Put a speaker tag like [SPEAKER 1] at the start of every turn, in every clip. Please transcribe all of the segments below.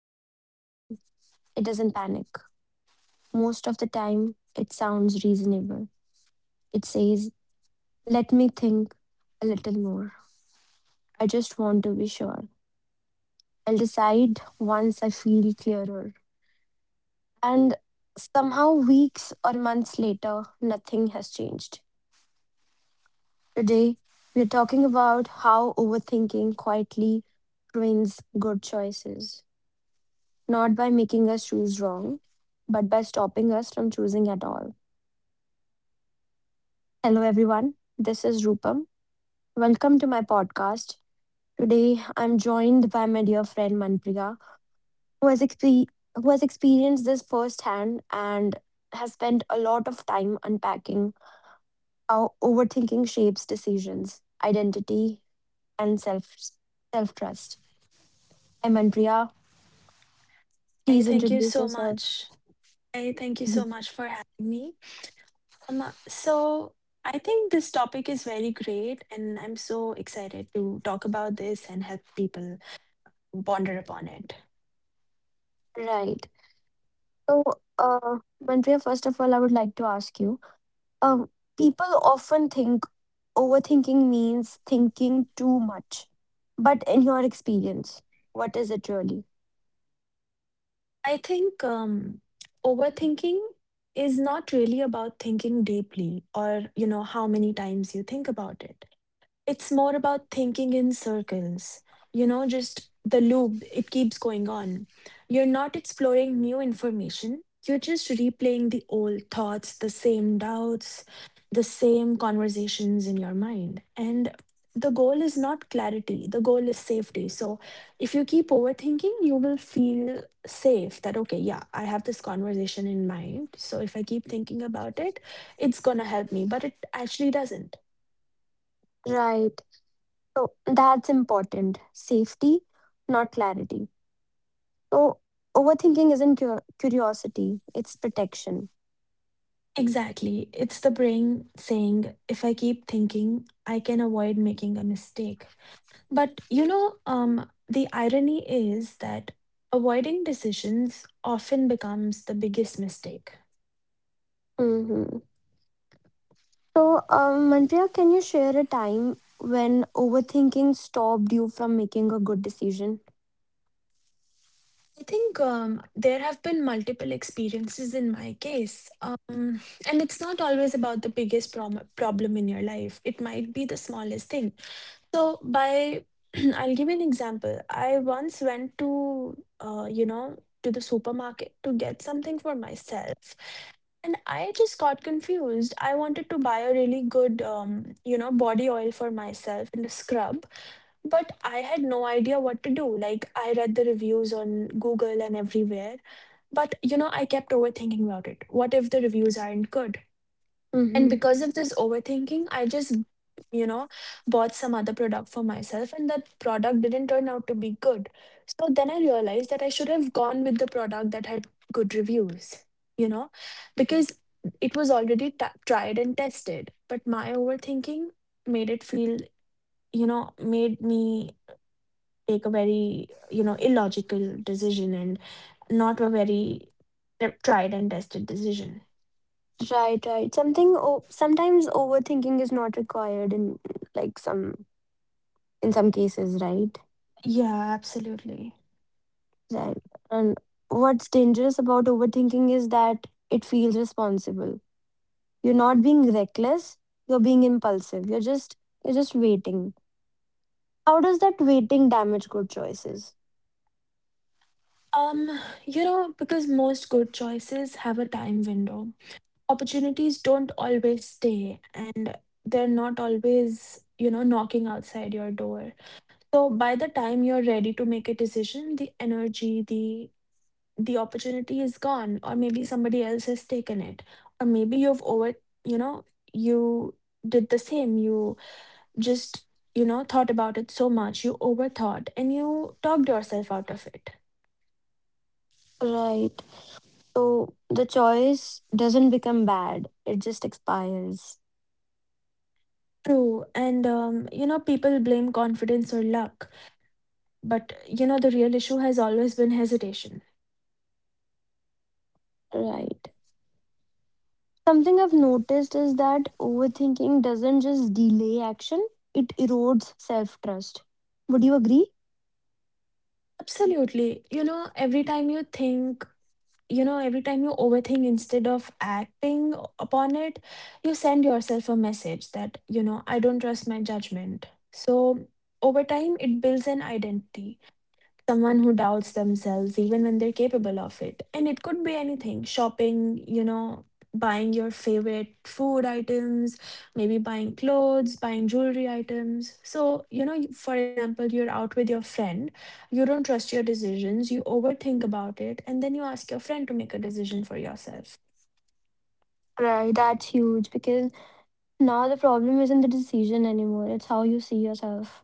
[SPEAKER 1] It doesn't scream. It doesn't panic. Most of the time, it sounds reasonable. It says, let me think a little more. I just want to be sure. I'll decide once I feel clearer. And somehow, weeks or months later, nothing has changed. Today, we're talking about how overthinking quietly ruins good choices, not by making us choose wrong, but by stopping us from choosing at all. Hello, everyone. This is Rupam. Welcome to my podcast. Today, I'm joined by my dear friend Manpriya, who has, expe- who has experienced this firsthand and has spent a lot of time unpacking how overthinking shapes decisions, identity, and self trust. Hi, Manpriya.
[SPEAKER 2] Hey,
[SPEAKER 1] Please
[SPEAKER 2] thank you
[SPEAKER 1] introduce
[SPEAKER 2] so
[SPEAKER 1] yourself.
[SPEAKER 2] much. Hey, thank you so much for having me. So I think this topic is very great, and I'm so excited to talk about this and help people ponder upon it.
[SPEAKER 1] Right. So, uh, Manpriya, first of all, I would like to ask you, um, people often think overthinking means thinking too much. But in your experience, what is it really?
[SPEAKER 2] I think overthinking is not really about thinking deeply or, how many times you think about it. It's more about thinking in circles, just the loop, it keeps going on. You're not exploring new information, you're just replaying the old thoughts, the same doubts, the same conversations in your mind. And the goal is not clarity, the goal is safety. So if you keep overthinking, you will feel safe that, okay, yeah, I have this conversation in mind. So if I keep thinking about it, it's going to help me, but it actually doesn't.
[SPEAKER 1] Right. So that's important. Safety, not clarity. So overthinking isn't curiosity, it's protection.
[SPEAKER 2] Exactly. It's the brain saying, if I keep thinking, I can avoid making a mistake. But the irony is that avoiding decisions often becomes the biggest mistake.
[SPEAKER 1] Mm-hmm. So, Manpriya, can you share a time when overthinking stopped you from making a good decision?
[SPEAKER 2] I think there have been multiple experiences in my case. And it's not always about the biggest problem in your life, it might be the smallest thing. So by I'll give you an example. I once went uh, you know, to the supermarket to get something for myself. And I just got confused. I wanted to buy a really good body oil for myself and a scrub, but I had no idea what to do. Like I read the reviews on Google and everywhere, but I kept overthinking about it. What if the reviews aren't good? And
[SPEAKER 1] Mm-hmm.
[SPEAKER 2] because of this overthinking, I just, you know, bought some other product for myself, and that product didn't turn out to be good. So then I realized that I should have gone with the product that had good reviews, you know, because it was already tried and tested. But my overthinking made it feel, made me take a very illogical decision and not a very tried and tested decision.
[SPEAKER 1] Right, right. Something sometimes overthinking is not required in like some in some cases, right?
[SPEAKER 2] Yeah, absolutely.
[SPEAKER 1] Right. And what's dangerous about overthinking is that it feels responsible. You're not being reckless, you're being impulsive. You're just waiting. How does that waiting damage good choices?
[SPEAKER 2] Um, because most good choices have a time window. Opportunities don't always stay, and they're not always, knocking outside your door. So by the time you're ready to make a decision, the energy, the opportunity is gone, or maybe somebody else has taken it. Or maybe you know, you did the same. You just, thought about it so much, you overthought and you talked yourself out of it.
[SPEAKER 1] Right. So the choice doesn't become bad, it just expires.
[SPEAKER 2] True, and people blame confidence or luck, but the real issue has always been hesitation.
[SPEAKER 1] Right. Something I've noticed is that overthinking doesn't just delay action, it erodes self trust. Would you agree?
[SPEAKER 2] Absolutely. Every time you overthink instead of acting upon it, you send yourself a message that, I don't trust my judgment. So over time, it builds an identity. Someone who doubts themselves even when they're capable of it. And it could be anything, shopping, buying your favorite food items, maybe buying clothes, buying jewelry items. So, for example, you're out with your friend, you don't trust your decisions, you overthink about it, and then you ask your friend to make a decision for yourself.
[SPEAKER 1] Right, that's huge because now the problem isn't the decision anymore, it's how you see yourself.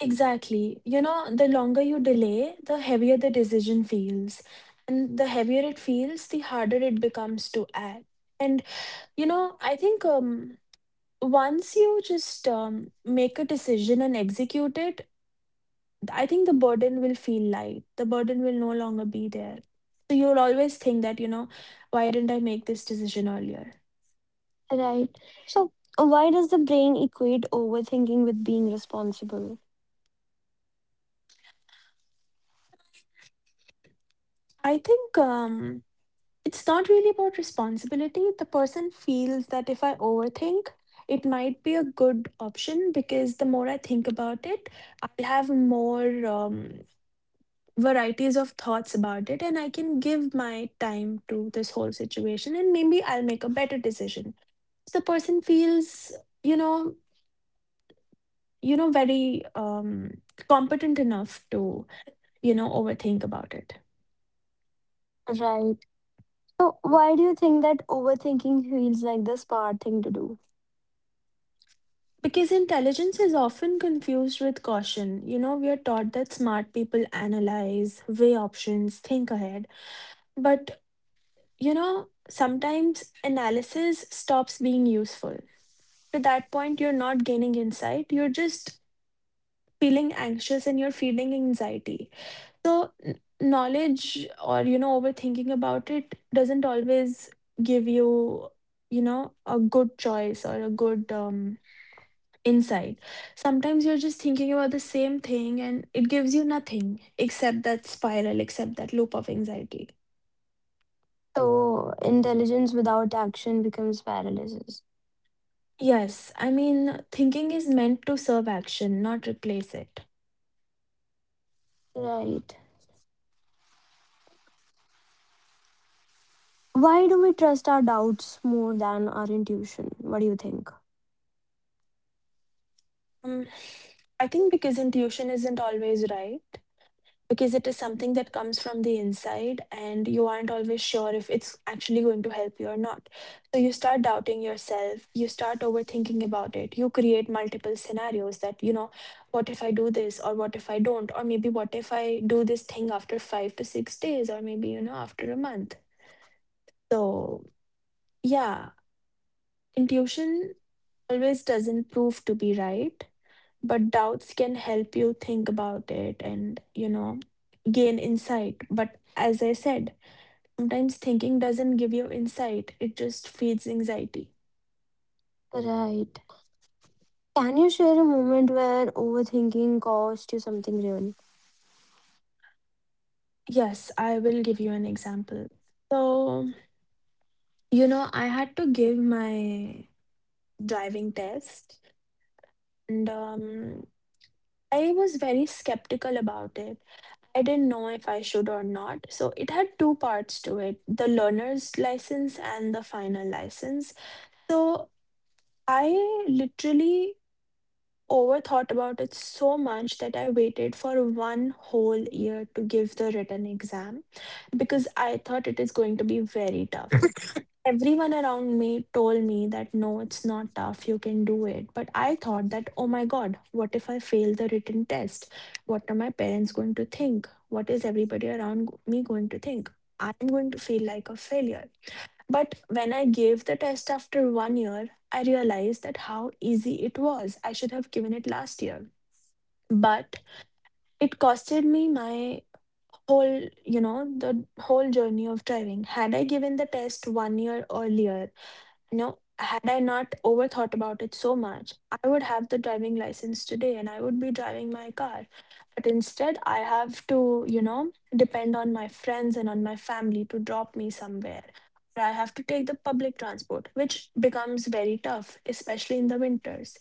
[SPEAKER 2] Exactly. The longer you delay, the heavier the decision feels. And the heavier it feels, the harder it becomes to act. And. I think once you just make a decision and execute it, I think the burden will feel light. The burden will no longer be there. So you'll always think that, why didn't I make this decision earlier?
[SPEAKER 1] Right. So, why does the brain equate overthinking with being responsible?
[SPEAKER 2] I think it's not really about responsibility. The person feels that if I overthink, it might be a good option because the more I think about it, I'll have more varieties of thoughts about it, and I can give my time to this whole situation and maybe I'll make a better decision. So the person feels, you know, very competent enough to, overthink about it.
[SPEAKER 1] Right. So, why do you think that overthinking feels like the smart thing to do?
[SPEAKER 2] Because intelligence is often confused with caution. We are taught that smart people analyze, weigh options, think ahead. But sometimes analysis stops being useful. To that point, you're not gaining insight, you're just feeling anxious and you're feeling anxiety. So, knowledge or, overthinking about it doesn't always give you, a good choice or a good insight. Sometimes you're just thinking about the same thing and it gives you nothing except that spiral, except that loop of anxiety.
[SPEAKER 1] So, intelligence without action becomes paralysis.
[SPEAKER 2] Yes, I mean, thinking is meant to serve action, not replace it.
[SPEAKER 1] Right. Why do we trust our doubts more than our intuition? What do you think?
[SPEAKER 2] Um, I think because intuition isn't always right. Because it is something that comes from the inside, and you aren't always sure if it's actually going to help you or not. So you start doubting yourself, you start overthinking about it. You create multiple scenarios that, what if I do this or what if I don't? Or maybe what if I do this thing after 5 to 6 days or maybe, after a month. So, yeah, intuition always doesn't prove to be right, but doubts can help you think about it and gain insight. But as I said, sometimes thinking doesn't give you insight, it just feeds anxiety.
[SPEAKER 1] Right. Can you share a moment where overthinking cost you something real?
[SPEAKER 2] Yes, I will give you an example. So, I had to give my driving test, and I was very skeptical about it. I didn't know if I should or not. So it had two parts to it: the learner's license and the final license. So I literally overthought about it so much that I waited for one whole year to give the written exam because I thought it is going to be very tough. Everyone around me told me that no, it's not tough, you can do it. But I thought that, oh my God, what if I fail the written test? What are my parents going to think? What is everybody around me going to think? I'm going to feel like a failure. But when I gave the test after one year, I realized that how easy it was. I should have given it last year. But it costed me my whole, you know, the whole journey of driving. Had I given the test one year earlier, had I not overthought about it so much, I would have the driving license today and I would be driving my car. But instead, I have to, depend on my friends and on my family to drop me somewhere. Or I have to take the public transport, which becomes very tough, especially in the winters.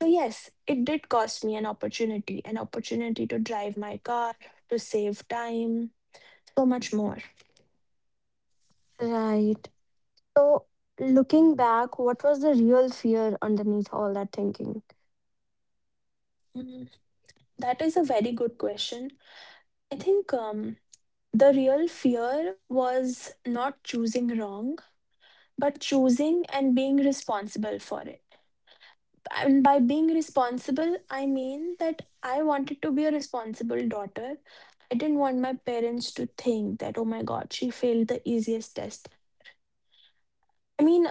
[SPEAKER 2] So, yes, it did cost me an opportunity to drive my car, to save time, so much more.
[SPEAKER 1] Right. So, looking back, what was the real fear underneath all that thinking?
[SPEAKER 2] Mm, that is a very good question. I think the real fear was not choosing wrong, but choosing and being responsible for it. And by being responsible, I mean that I wanted to be a responsible daughter. I didn't want my parents to think that, oh my God, she failed the easiest test. I mean,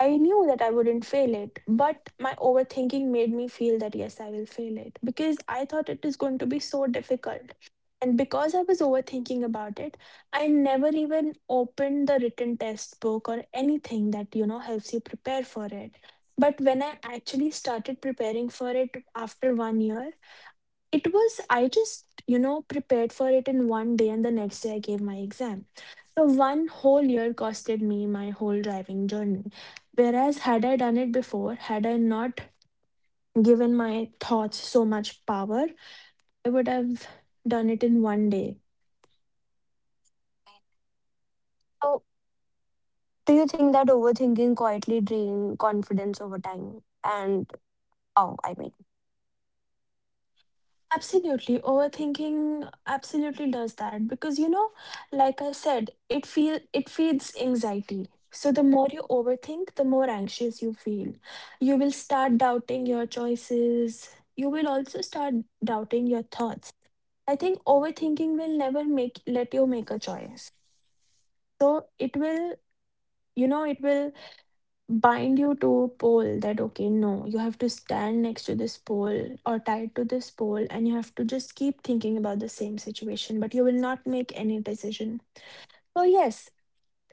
[SPEAKER 2] I knew that I wouldn't fail it, but my overthinking made me feel that yes, I will fail it because I thought it is going to be so difficult. And because I was overthinking about it, I never even opened the written test book or anything that, helps you prepare for it. But when I actually started preparing for it after one year, it was, I just, prepared for it in one day and the next day I gave my exam. So one whole year costed me my whole driving journey. Whereas had I done it before, had I not given my thoughts so much power, I would have done it in one day.
[SPEAKER 1] So, do you think that overthinking quietly drained confidence over time? And how, I mean?
[SPEAKER 2] Absolutely. Overthinking absolutely does that because like I said, it feeds anxiety. So the more you overthink, the more anxious you feel. You will start doubting your choices. You will also start doubting your thoughts. I think overthinking will never make let you make a choice. So it will, it will bind you to a pole that, okay, no, you have to stand next to this pole or tied to this pole, and you have to just keep thinking about the same situation, but you will not make any decision. So yes,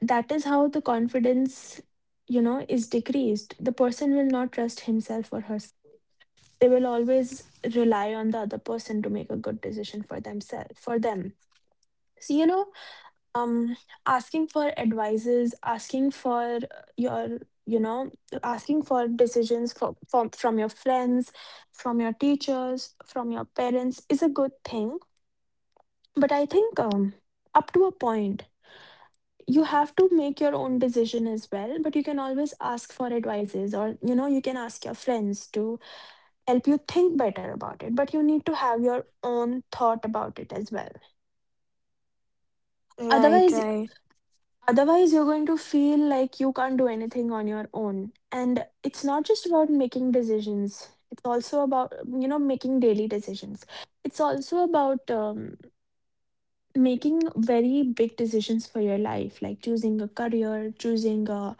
[SPEAKER 2] that is how the confidence, is decreased. The person will not trust himself or herself. They will always rely on the other person to make a good decision for themselves, for them. So um asking for advices, asking for your, you know asking for decisions from your friends, from your teachers, from your parents is a good thing. But I think up to a point you have to make your own decision as well. But you can always ask for advices, or you can ask your friends to help you think better about it, but you need to have your own thought about it as well.
[SPEAKER 1] Right,
[SPEAKER 2] otherwise
[SPEAKER 1] right.
[SPEAKER 2] Otherwise, you're going to feel like you can't do anything on your own. And it's not just about making decisions, it's also about, making daily decisions. It's also about making very big decisions for your life, like choosing a career, choosing a,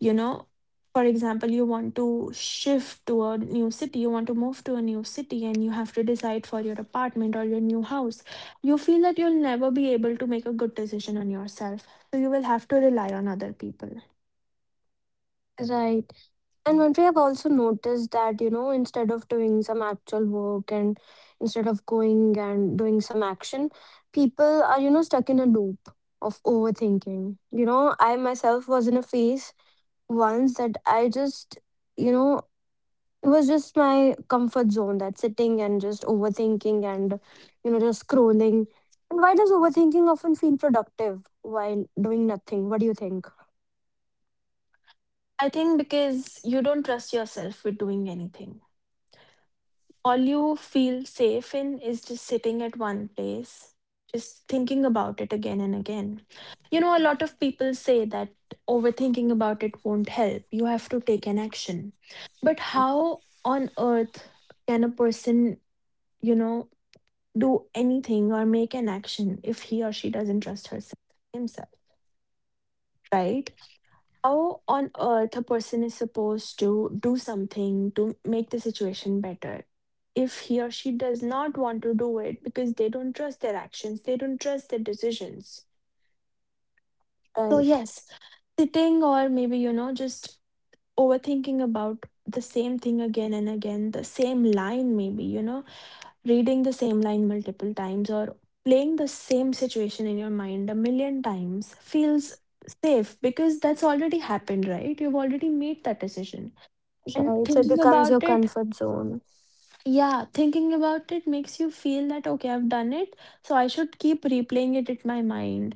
[SPEAKER 2] you know for example, you want to shift to a new city, you want to move to a new city, and you have to decide for your apartment or your new house. You feel that you'll never be able to make a good decision on yourself, so you will have to rely on other people.
[SPEAKER 1] Right. And one thing I've also noticed that, you know, instead of doing some actual work and instead of going and doing some action, people are, you know, stuck in a loop of overthinking. You know, I myself was in a phase once that I just, you know, it was just my comfort zone that sitting and just overthinking and, you know, just scrolling. And why does overthinking often feel productive while doing nothing? What do you think?
[SPEAKER 2] I think because you don't trust yourself with doing anything. All you feel safe in is just sitting at one place, just thinking about it again and again. You know, a lot of people say that overthinking about it won't help. You have to take an action. But how on earth can a person, you know, do anything or make an action if he or she doesn't trust herself, himself, right? How on earth a person is supposed to do something to make the situation better if he or she does not want to do it, because they don't trust their actions, they don't trust their decisions. So
[SPEAKER 1] Right,
[SPEAKER 2] yes, sitting, or maybe, just overthinking about the same thing again and again, the same line, maybe, reading the same line multiple times, or playing the same situation in your mind a million times feels safe because that's already happened, right? You've already made that decision. And
[SPEAKER 1] right. So it
[SPEAKER 2] thinking
[SPEAKER 1] becomes your
[SPEAKER 2] about it,
[SPEAKER 1] comfort zone.
[SPEAKER 2] yeah, thinking about it makes you feel that, okay, I've done it. So I should keep replaying it in my mind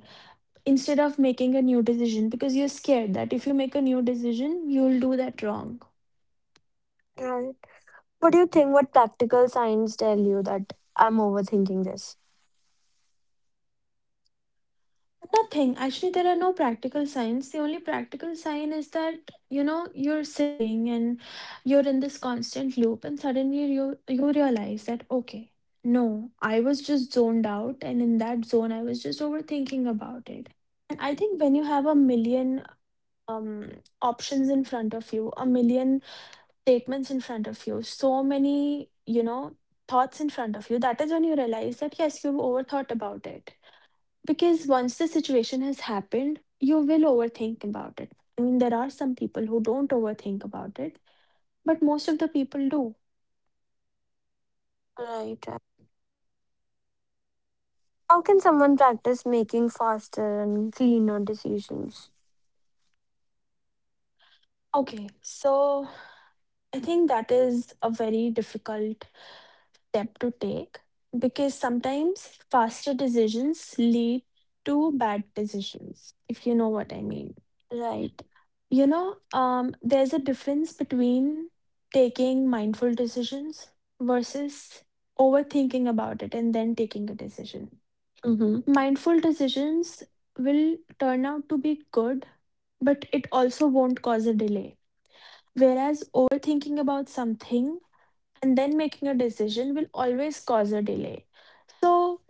[SPEAKER 2] instead of making a new decision, because you're scared that if you make a new decision, you'll do that wrong.
[SPEAKER 1] Right. What do you think? What practical signs tell you that I'm overthinking this?
[SPEAKER 2] Nothing. Actually, there are no practical signs. The only practical sign is that, you're sitting and you're in this constant loop, and suddenly you realize that, okay, no, I was just zoned out, and in that zone I was just overthinking about it. And I think when you have a million um options in front of you, a million statements in front of you, so many, you know, thoughts in front of you, that is when you realize that yes, you've overthought about it. Because once the situation has happened, you will overthink about it. I mean, there are some people who don't overthink about it, but most of the people do.
[SPEAKER 1] Right, right. How can someone practice making faster and cleaner decisions?
[SPEAKER 2] Okay, so I think that is a very difficult step to take, because sometimes faster decisions lead to bad decisions, if you know what I mean.
[SPEAKER 1] Right.
[SPEAKER 2] You know, there's a difference between taking mindful decisions versus overthinking about it and then taking a decision.
[SPEAKER 1] Mm-hmm.
[SPEAKER 2] Mindful decisions will turn out to be good, but it also won't cause a delay. Whereas overthinking about something and then making a decision will always cause a delay. So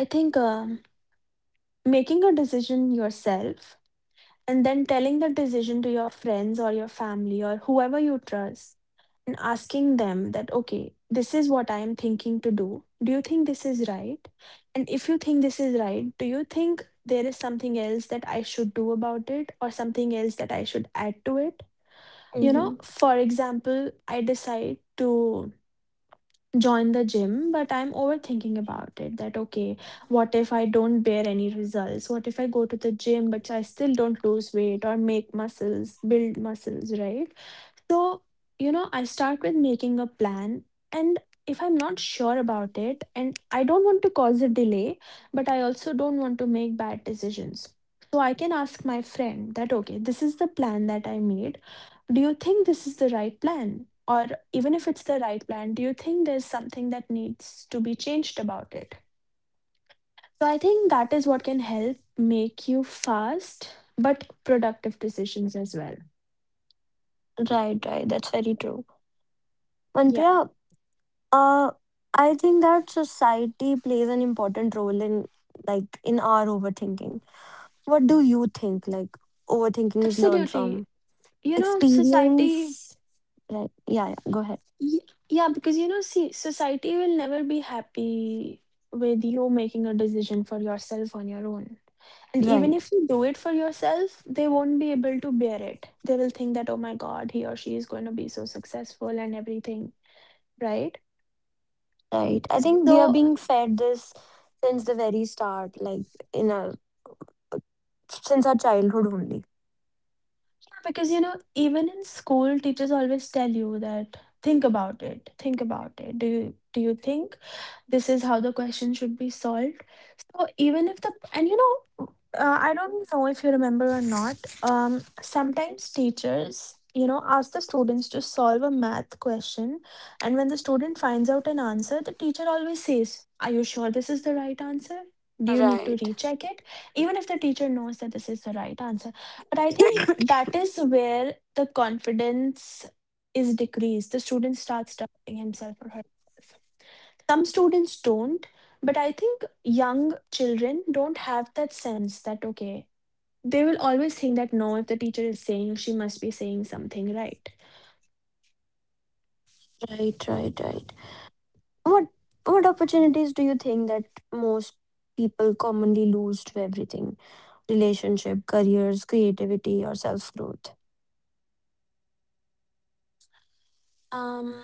[SPEAKER 2] I think making a decision yourself and then telling the decision to your friends or your family or whoever you trust, and asking them that, okay, this is what I am thinking to do, do you think this is right? And if you think this is right, do you think there is something else that I should do about it or something else that I should add to it? You know,
[SPEAKER 1] Mm-hmm.
[SPEAKER 2] for example, I decide to join the gym, but I'm overthinking about it, that okay, what if I don't bear any results? What if I go to the gym but I still don't lose weight or make muscles, build muscles, right? So, I start with making a plan. And if I'm not sure about it, and I don't want to cause a delay, but I also don't want to make bad decisions. So I can ask my friend that, okay, this is the plan that I made. Do you think this is the right plan? Or even if it's the right plan, do you think there's something that needs to be changed about it? So I think that is what can help make you fast but productive decisions as well.
[SPEAKER 1] Right, right. That's very true.
[SPEAKER 2] Yeah.
[SPEAKER 1] Manpriya, uh, I think that society plays an important role in, our overthinking. What do you think, like overthinking is learned
[SPEAKER 2] Absolutely.
[SPEAKER 1] from?
[SPEAKER 2] You know, society,
[SPEAKER 1] Experience? Right. Yeah, yeah. Go ahead.
[SPEAKER 2] y- yeah, because you know, see, society will never be happy with you making a decision for yourself on your own. And even
[SPEAKER 1] Right.
[SPEAKER 2] if you do it for yourself, they won't be able to bear it. They will think that, oh my god, he or she is going to be so successful and everything, right?
[SPEAKER 1] Right. I think we are
[SPEAKER 2] So
[SPEAKER 1] being fed this since the very start, like in our since our childhood only.
[SPEAKER 2] because, you know, even in school, teachers always tell you that think about it, think about it. Do you think this is how the question should be solved? So even if the, and you know, I don't know if you remember or not. Sometimes teachers, you know, ask the students to solve a math question, and when the student finds out an answer, the teacher always says, "Are you sure this is the right answer? Do you need to
[SPEAKER 1] Right.
[SPEAKER 2] recheck it?" Even if the teacher knows that this is the right answer, but I think that is where the confidence is decreased. The student starts doubting himself or herself. Some students don't, but I think young children don't have that sense that, okay, they will always think that no, if the teacher is saying, she must be saying something right.
[SPEAKER 1] Right, right, right. What what opportunities do you think that most people commonly lose to everything? Relationship, careers, creativity, or self growth.
[SPEAKER 2] Um,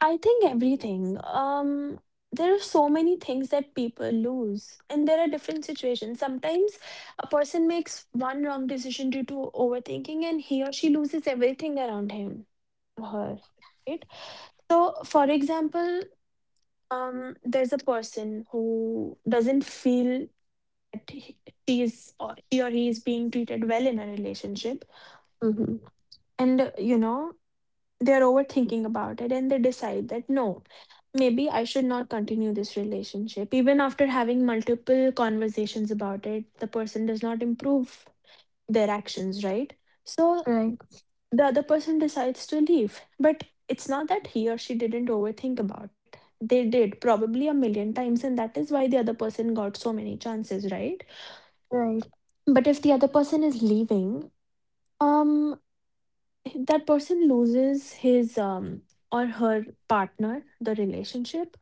[SPEAKER 2] I think everything. There are so many things that people lose, and there are different situations. Sometimes a person makes one wrong decision due to overthinking, and he or she loses everything around him or her. Right? So, for example, there's a person who doesn't feel that she is, or she or he is being treated well in a relationship,
[SPEAKER 1] Mm-hmm.
[SPEAKER 2] and you know, they're overthinking about it and they decide that no, maybe I should not continue this relationship. Even after having multiple conversations about it, the person does not improve their actions, right? So
[SPEAKER 1] Right,
[SPEAKER 2] the other person decides to leave. But it's not that he or she didn't overthink about it. They did, probably a million times, and that is why the other person got so many chances, right?
[SPEAKER 1] right,
[SPEAKER 2] But if the other person is leaving, um that person loses his or her partner, the relationship,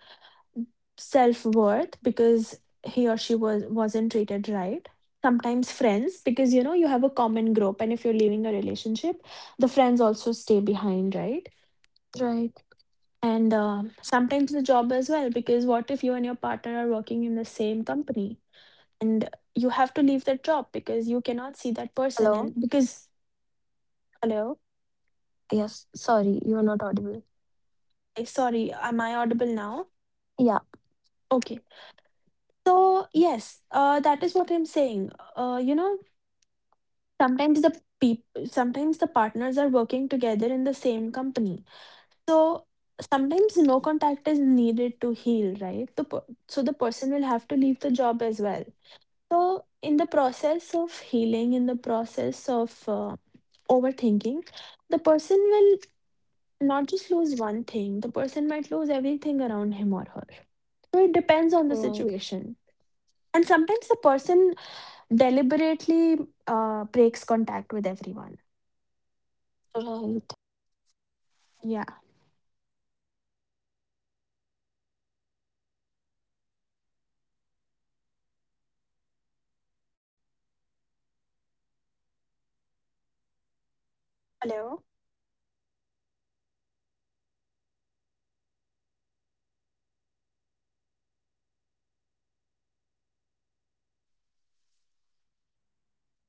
[SPEAKER 2] self-worth, because he or she wasn't treated right, sometimes friends, because you know, you have a common group, and if you're leaving a relationship, the friends also stay behind, right?
[SPEAKER 1] right.
[SPEAKER 2] And sometimes the job as well, because what if you and your partner are working in the same company, and you have to leave that job because you cannot see that person,
[SPEAKER 1] Hello.
[SPEAKER 2] and because hello.
[SPEAKER 1] Yes. Sorry, you are not audible.
[SPEAKER 2] Sorry, am I audible now?
[SPEAKER 1] Yeah.
[SPEAKER 2] Okay. So yes, that is what I'm saying. You know, sometimes the people, sometimes the partners are working together in the same company. So sometimes no contact is needed to heal, right? So the person will have to leave the job as well. So in the process of healing, in the process of overthinking, the person will not just lose one thing. The person might lose everything around him or her. So it depends on
[SPEAKER 1] Right.
[SPEAKER 2] the situation. And sometimes the person deliberately breaks contact with everyone.
[SPEAKER 1] Right.
[SPEAKER 2] Yeah.
[SPEAKER 1] So if someone's listening and thinking that, that's me. What actually helps? I mean, not motivational quotes, but something practical.
[SPEAKER 2] Hello.
[SPEAKER 1] Hello? Hello?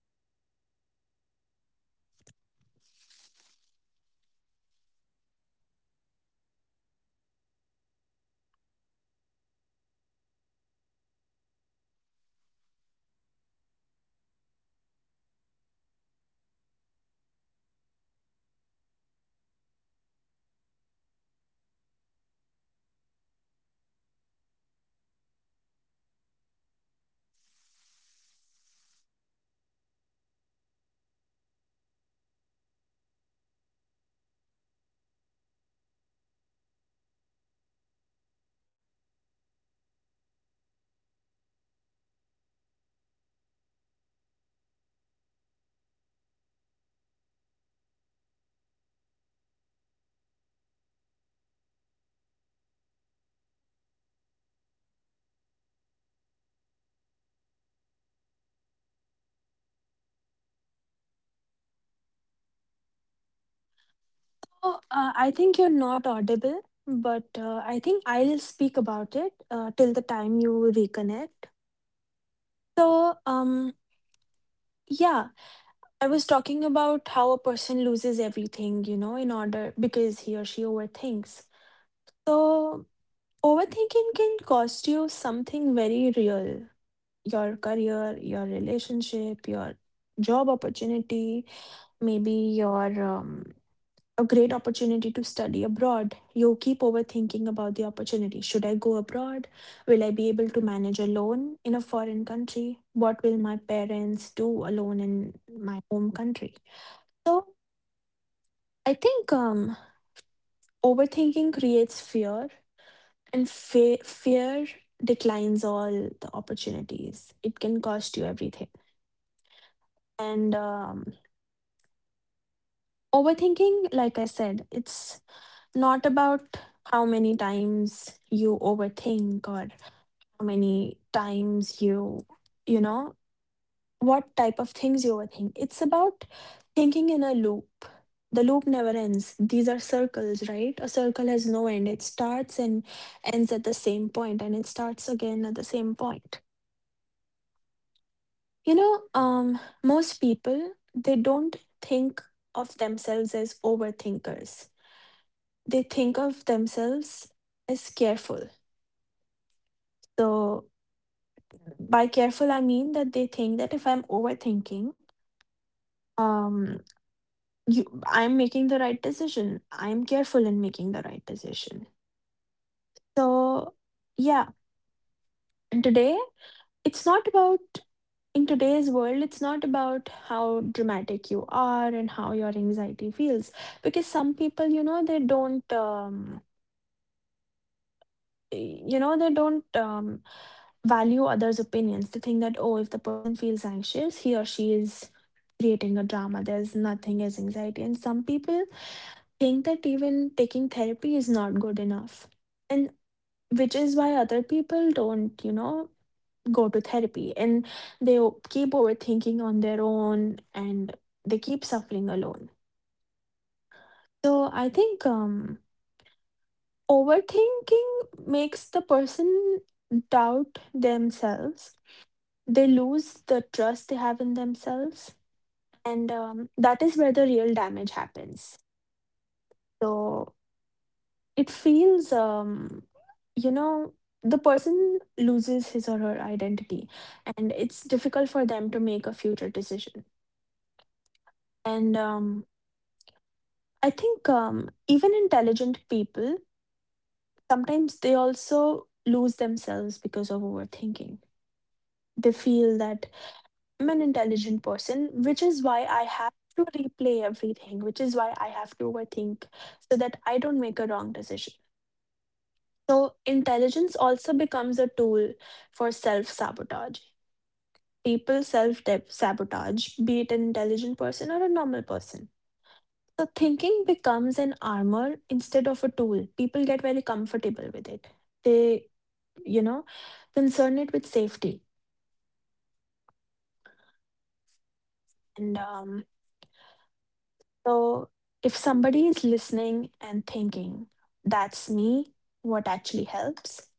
[SPEAKER 2] Oh, I think you're not audible, but I think I'll speak about it till the time you reconnect. So, yeah, I was talking about how a person loses everything, you know, in order, because he or she overthinks. So, overthinking can cost you something very real: your career, your relationship, your job opportunity, maybe your a great opportunity to study abroad. You keep overthinking about the opportunity. Should I go abroad? Will I be able to manage alone in a foreign country? What will my parents do alone in my home country? So I think overthinking creates fear. And fear declines all the opportunities. It can cost you everything. And overthinking, like I said, it's not about how many times you overthink, or how many times you, you know, what type of things you overthink. It's about thinking in a loop. The loop never ends. These are circles, right? A circle has no end. It starts and ends at the same point, and it starts again at the same point. You know, most people, they don't think of themselves as overthinkers. They think of themselves as careful. So by careful, I mean that they think that if I'm overthinking, um, you, I'm making the right decision. I'm careful in making the right decision. So yeah, and today it's not about, in today's world, it's not about how dramatic you are and how your anxiety feels. Because some people, you know, they don't, you know, they don't value others' opinions. They think that, oh, if the person feels anxious, he or she is creating a drama. There's nothing as anxiety. And some people think that even taking therapy is not good enough. And which is why other people don't, you know, go to therapy, and they keep overthinking on their own, and they keep suffering alone. So I think overthinking makes the person doubt themselves. They lose the trust they have in themselves. And that is where the real damage happens. So it feels, you know, the person loses his or her identity, and it's difficult for them to make a future decision. And I think even intelligent people, sometimes they also lose themselves because of overthinking. They feel that I'm an intelligent person, which is why I have to replay everything, which is why I have to overthink so that I don't make a wrong decision. So intelligence also becomes a tool for self sabotage. People self sabotage, be it an intelligent person or a normal person. So thinking becomes an armor instead of a tool. People get very comfortable with it. They, you know, concern it with safety. And so if somebody is listening and thinking, that's me, what actually helps.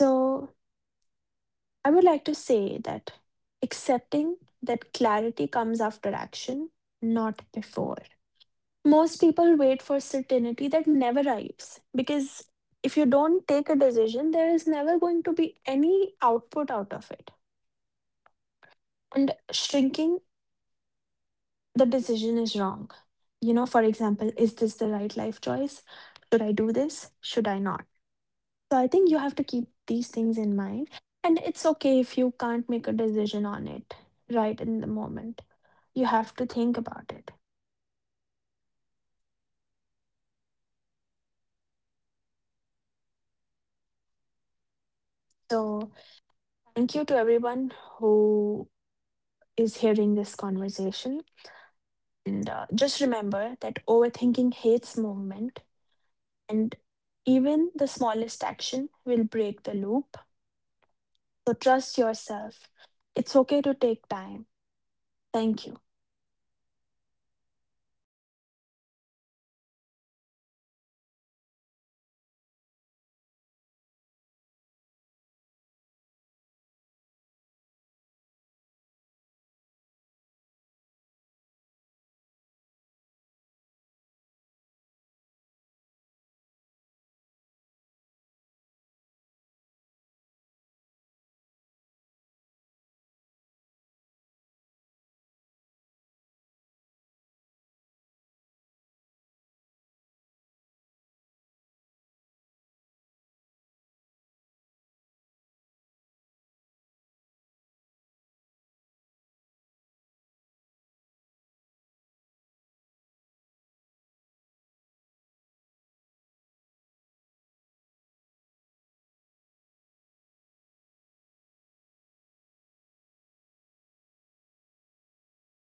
[SPEAKER 2] So I would like to say that accepting that clarity comes after action, not before. Most people wait for certainty that never arrives, because if you don't take a decision, there is never going to be any output out of it. And shrinking, the decision is wrong. You know, for example, is this the right life choice? Should I do this? Should I not? So I think you have to keep these things in mind. And it's okay if you can't make a decision on it right in the moment. You have to think about it. So thank you to everyone who is hearing this conversation. And just remember that overthinking hates movement, and even the smallest action will break the loop. So trust yourself. It's okay to take time. Thank you.